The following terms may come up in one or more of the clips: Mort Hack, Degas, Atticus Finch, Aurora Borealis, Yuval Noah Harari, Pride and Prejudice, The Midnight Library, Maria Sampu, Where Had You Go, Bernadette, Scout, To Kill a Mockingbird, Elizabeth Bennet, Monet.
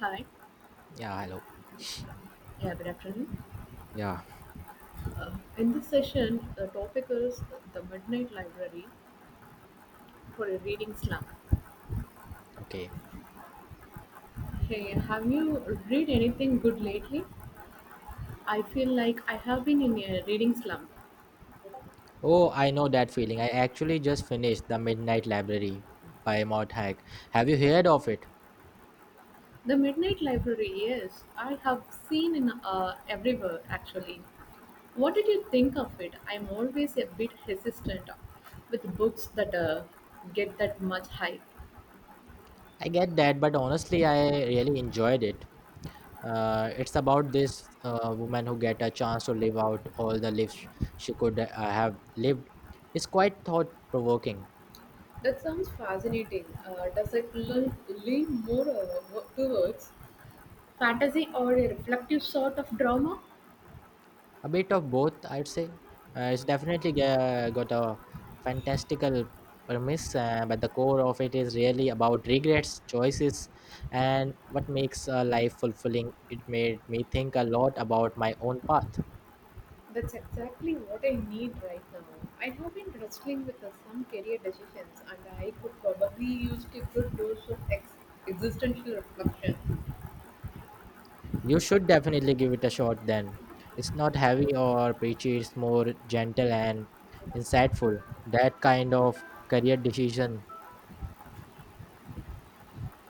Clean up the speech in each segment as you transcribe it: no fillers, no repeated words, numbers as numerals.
Hi. Yeah, hello. Yeah, good afternoon. Yeah, Uh, in this session, the topic is the Midnight Library for a reading slump. okay. Hey, have you read anything good lately? I feel like I have been in a reading slump. Oh, I know that feeling. I actually just finished The Midnight Library by Mort Hack. Have you heard of it? The Midnight Library, yes, I have seen in everywhere actually. What did you think of it? I'm always a bit hesitant with books that get that much hype. I get that, but honestly, I really enjoyed it. It's about this woman who get a chance to live out all the lives she could have lived. It's quite thought provoking. That sounds fascinating. Lean more towards fantasy or a reflective sort of drama? A bit of both, I'd say. It's definitely got a fantastical premise, but the core of it is really about regrets choices and what makes a life fulfilling. It made me think a lot about my own path. That's exactly what I need right now. I have been wrestling with some career decisions, and I could probably use a good dose of existential reflection. You should definitely give it a shot then. It's not heavy or preachy, it's more gentle and insightful. That kind of career decision.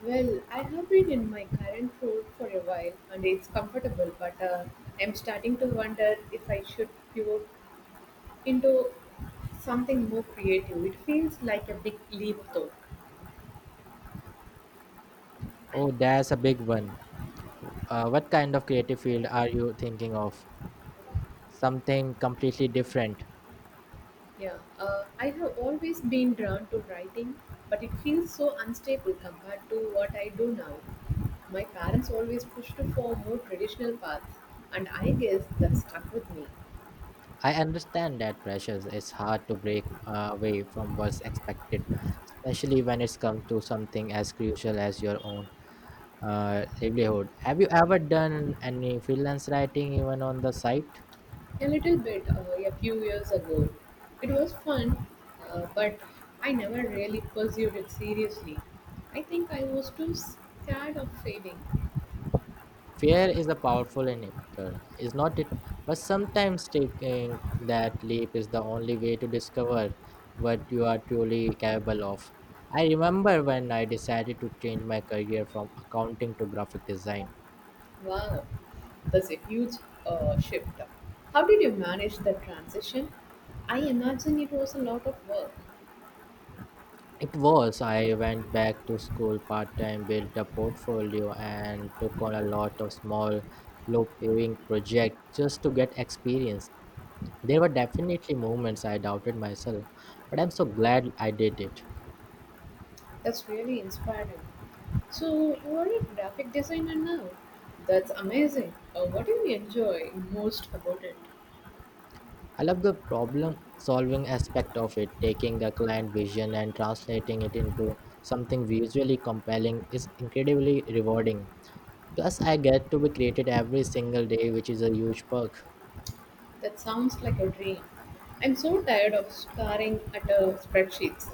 Well, I have been in my current role for a while, and it's comfortable, but I'm starting to wonder if I should pivot into something more creative. It feels like a big leap, though. Oh, that's a big one. What kind of creative field are you thinking of, something completely different. Yeah, I have always been drawn to writing, but it feels so unstable compared to what I do now. My parents always pushed for more traditional paths, and I guess that stuck with me I understand that pressures. It's hard to break away from what's expected, especially when it comes to something as crucial as your own livelihood. Have you ever done any freelance writing, even on the site? a little bit a few years ago. It was fun, but I never really pursued it seriously. I think I was too scared of failing. Fear is a powerful inhibitor, is not it? But sometimes taking that leap is the only way to discover what you are truly capable of. I remember when I decided to change my career from accounting to graphic design. Wow, that's a huge shift. How did you manage the transition? I imagine it was a lot of work. It was. I went back to school part time, built a portfolio, and took on a lot of small, low paying projects just to get experience. There were definitely moments I doubted myself, but I'm so glad I did it. That's really inspiring. So, you are a graphic designer now. That's amazing. What do you enjoy most about it? I love the problem solving aspect of it, taking the client vision and translating it into something visually compelling is incredibly rewarding. Plus, I get to be creative every single day, which is a huge perk. That sounds like a dream. I'm so tired of staring at spreadsheets.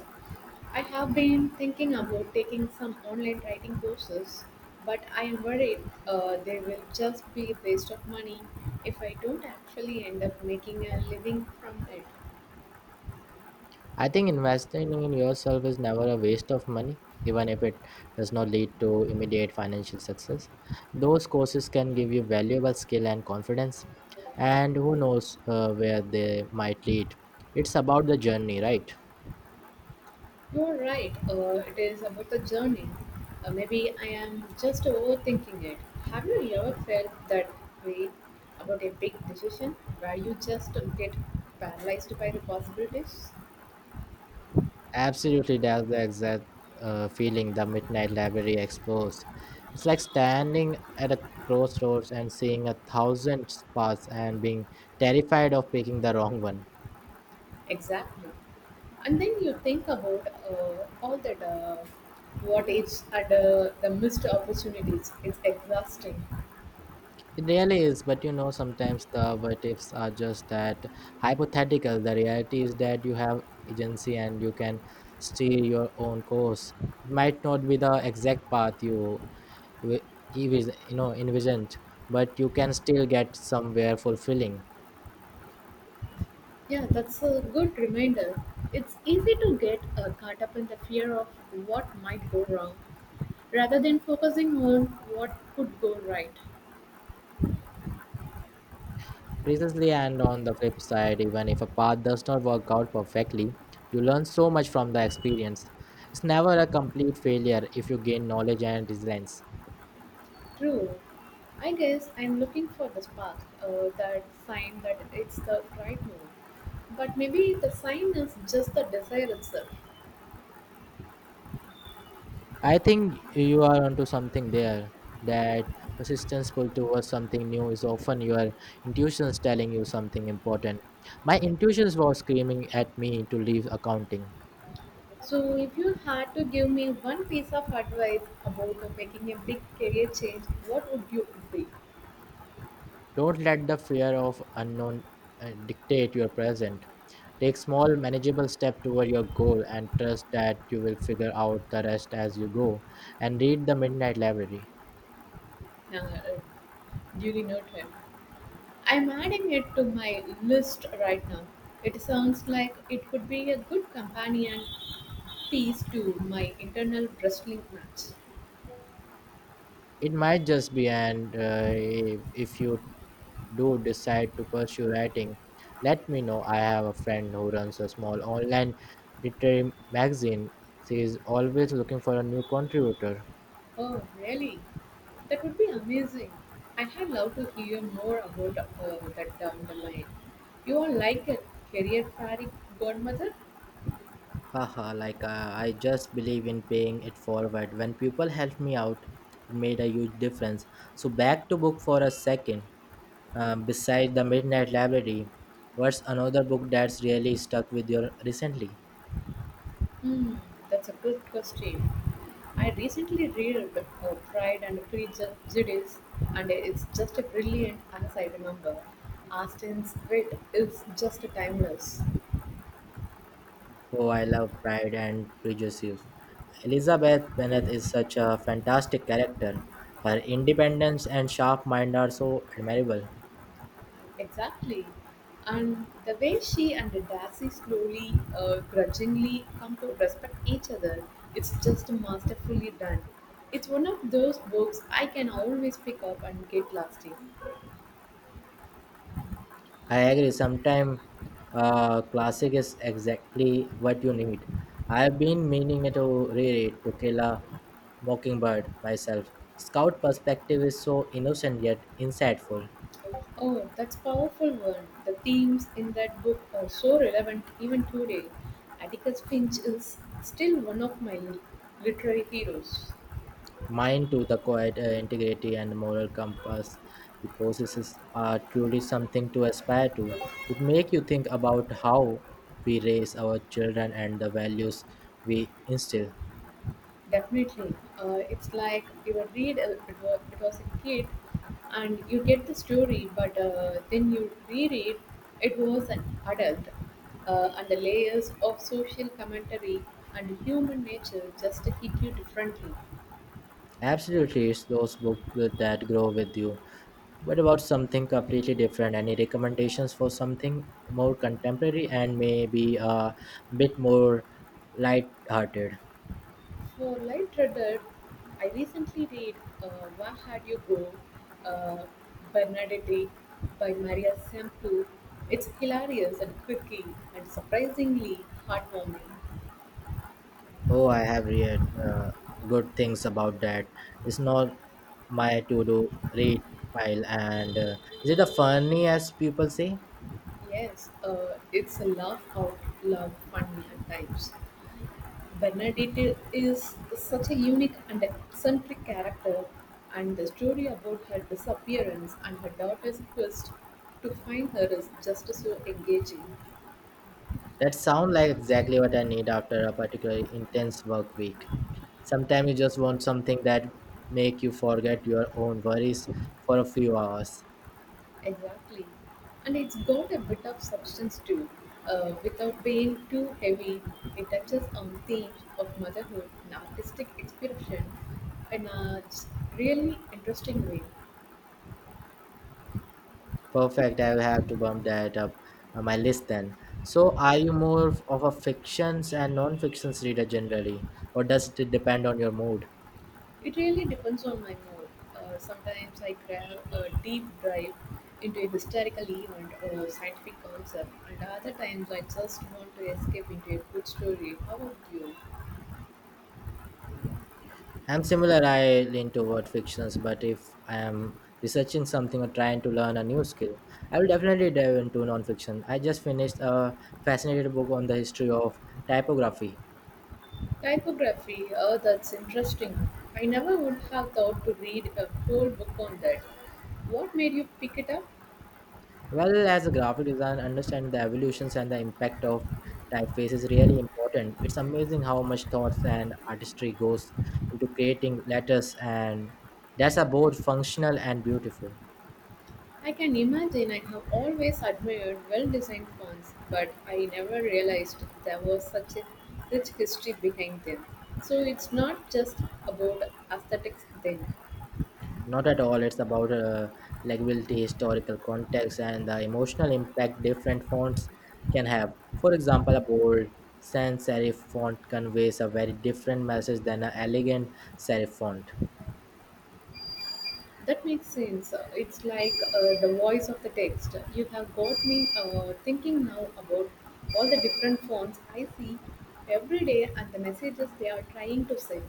I have been thinking about taking some online writing courses, but I am worried they will just be a waste of money if I don't actually end up making a living from it. I think investing in yourself is never a waste of money, even if it does not lead to immediate financial success. Those courses can give you valuable skill and confidence, and who knows where they might lead. It's about the journey, right? You're right, it is about the journey. Maybe I am just overthinking it. Have you ever felt that way about a big decision where you just get paralyzed by the possibilities? Absolutely, that's the exact feeling the Midnight Library explores. It's like standing at a crossroads and seeing a thousand paths and being terrified of picking the wrong one. Exactly. And then you think about all that what ifs and the missed opportunities. It's exhausting. It really is, but you know, sometimes the what ifs are just that, hypothetical. The reality is that you have agency and you can steer your own course. It might not be the exact path you you, envis- you know envisioned, but you can still get somewhere fulfilling. Yeah, that's a good reminder. It's easy to get caught up in the fear of what might go wrong rather than focusing on what could go right. Precisely, and on the flip side, even if a path does not work out perfectly, you learn so much from the experience. It's never a complete failure if you gain knowledge and resilience. True. I guess I'm looking for the spark, that sign that it's the right move. But maybe the sign is just the desire itself. I think you are onto something there. That persistence pull towards something new is often your intuitions telling you something important. My intuitions was screaming at me to leave accounting. So, if you had to give me one piece of advice about making a big career change, what would you be Don't let the fear of unknown dictate your present. Take small, manageable step toward your goal and trust that you will figure out the rest as you go. And read the Midnight Library. uh, uh, during your trip? I'm adding it to my list right now. It sounds like it could be a good companion piece to my internal wrestling match. It might just be, and if you do decide to pursue writing, let me know. I have a friend who runs a small online literary magazine. She is always looking for a new contributor. Oh, really? That would be amazing. I had love to hear more about that down the line. You are like a career fairy godmother. Haha, I just believe in paying it forward. When people helped me out, it made a huge difference. So, back to book for a second. Beside The Midnight Library, what's another book that's really stuck with you recently? Hmm, that's a good question. I recently read Pride and Prejudice, and it's just a brilliant as I remember. Austen's wit is just timeless. Oh, I love Pride and Prejudice. Elizabeth Bennet is such a fantastic character. Her independence and sharp mind are so admirable. Exactly. And the way she and Darcy slowly, grudgingly come to respect each other, it's just masterfully done. It's one of those books I can always pick up and get lost in. I agree. Sometimes classic is exactly what you need. I have been meaning to reread To Kill a Mockingbird myself. Scout perspective is so innocent yet insightful. Oh, that's powerful word. The themes in that book are so relevant even today. Atticus Finch is still one of my literary heroes. Mind to the quiet integrity and moral compass he possesses are truly something to aspire to. It make you think about how we raise our children and the values we instill. Definitely. It's like you would read it was a kid and you get the story, but then you reread it was an adult. And the layers of social commentary and human nature just hit you differently. Absolutely, it's those books that grow with you. What about something completely different? Any recommendations for something more contemporary and maybe a bit more light-hearted? For light reader, I recently read uh, Where Had You Go, uh, Bernadette by Maria Sampu. It's hilarious and quirky and surprisingly heartwarming. Oh, I have read good things about that. It's not my to do read pile, and is it a funny as people say. Yes, it's a laugh out loud funny at times. Bernadette is such a unique and eccentric character, and the story about her disappearance and her daughter's quest to find her is just so engaging. That sound like exactly what I need after a particularly intense work week. Sometimes you just want something that make you forget your own worries for a few hours. Exactly. And it's got a bit of substance too. Without being too heavy, it touches on themes of motherhood and artistic expression in a really interesting way. Perfect, I will have to bump that up on my list then. So, are you more of a fictions and non-fictions reader generally, or does it depend on your mood? It really depends on my mood. Sometimes I grab a deep dive into a historical event or a scientific concept, and other times I just want to escape into a good story. How about you? I'm similar, I lean toward fictions, but if I am researching something or trying to learn a new skill, I will definitely dive into nonfiction. I just finished a fascinating book on the history of typography. Typography, oh, that's interesting. I never would have thought to read a whole book on that. What made you pick it up? Well, as a graphic designer, understanding the evolutions and the impact of typeface is really important. It's amazing how much thoughts and artistry goes into creating letters, and that's are both functional and beautiful. I can imagine I have always admired well designed fonts, but I never realized there was such a rich history behind them. So it's not just about aesthetics then. Not at all. It's about legibility, historical context, and the emotional impact different fonts can have. For example, a bold sans serif font conveys a very different message than an elegant serif font. That makes sense. It's like the voice of the text. You have got me thinking now about all the different fonts I see every day and the messages they are trying to send.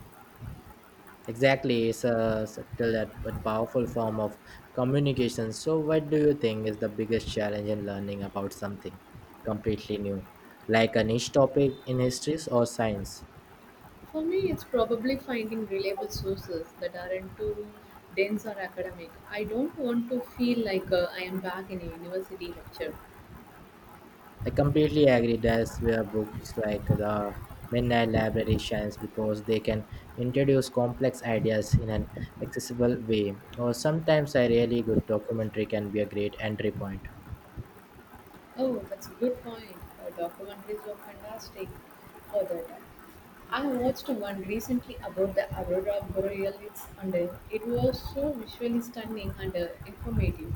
Exactly, it's a subtle but powerful form of communication. So, what do you think is the biggest challenge in learning about something completely new, like a niche topic in histories or science? For me, it's probably finding reliable sources that aren't too dense or academic. I don't want to feel like I am back in a university lecture. I completely agree. That's where books like the Midnight Library shines because they can introduce complex ideas in an accessible way. Or sometimes a really good documentary can be a great entry point. Oh, that's a good point. Documentaries were fantastic for that. I watched one recently about the aurora borealis, and it was so visually stunning and informative.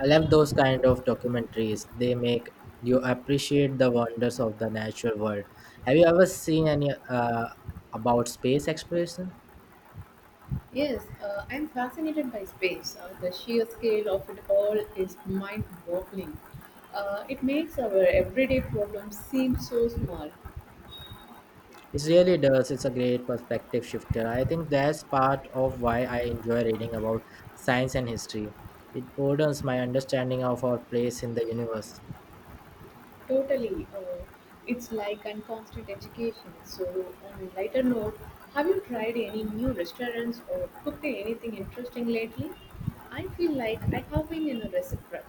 I love those kind of documentaries. They make you appreciate the wonders of the natural world. Have you ever seen any about space exploration? Yes, I'm fascinated by space. The sheer scale of it all is mind-boggling. It makes our everyday problems seem so small. It really does. It's a great perspective shifter. I think that's part of why I enjoy reading about science and history. It broadens my understanding of our place in the universe. Totally. It's like a constant education. So, on a lighter note, have you tried any new restaurants or cooked anything interesting lately? I feel like I have been in a recipe prep.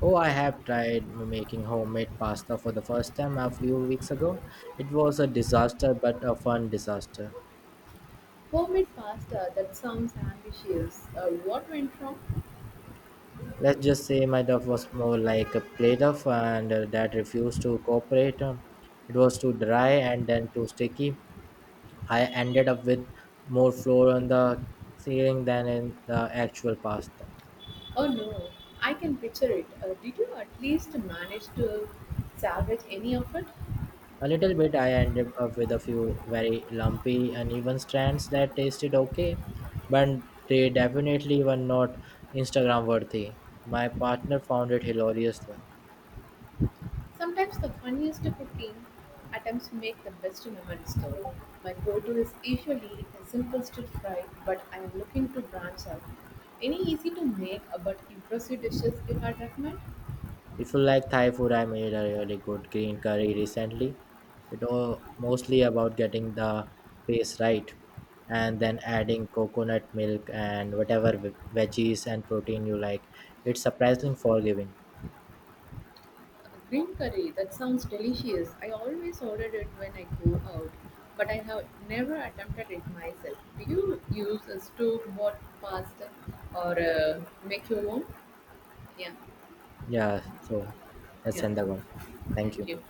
Oh, I have tried making homemade pasta for the first time a few weeks ago. It was a disaster, but a fun disaster. Homemade pasta that sounds ambitious. What went wrong? Let's just say my duff was more like a plate of, and that refused to cooperate. It was too dry and then too sticky. I ended up with more flour on the ceiling than in the actual pasta. Oh no, I can picture it. Did you at least manage to salvage any of it? A little bit, I ended up with a few very lumpy, uneven strands that tasted okay, but they definitely were not Instagram worthy. My partner found it hilarious though. Sometimes the funniest cooking attempts make the best moments though. My go-to is usually a simple stir fry, but I am looking to branch out. Any easy to make but impressive dishes you had recommend? If you like Thai food, I made a really good green curry recently. It was mostly about getting the paste right and then adding coconut milk and whatever veggies and protein you like. It's surprisingly forgiving. Green curry, that sounds delicious. I always order it when I go out, but I have never attempted it myself. Do you use a store-bought pasta or make your own? Yeah, Yeah, so let's yeah. end the one. Thank Thank you. you.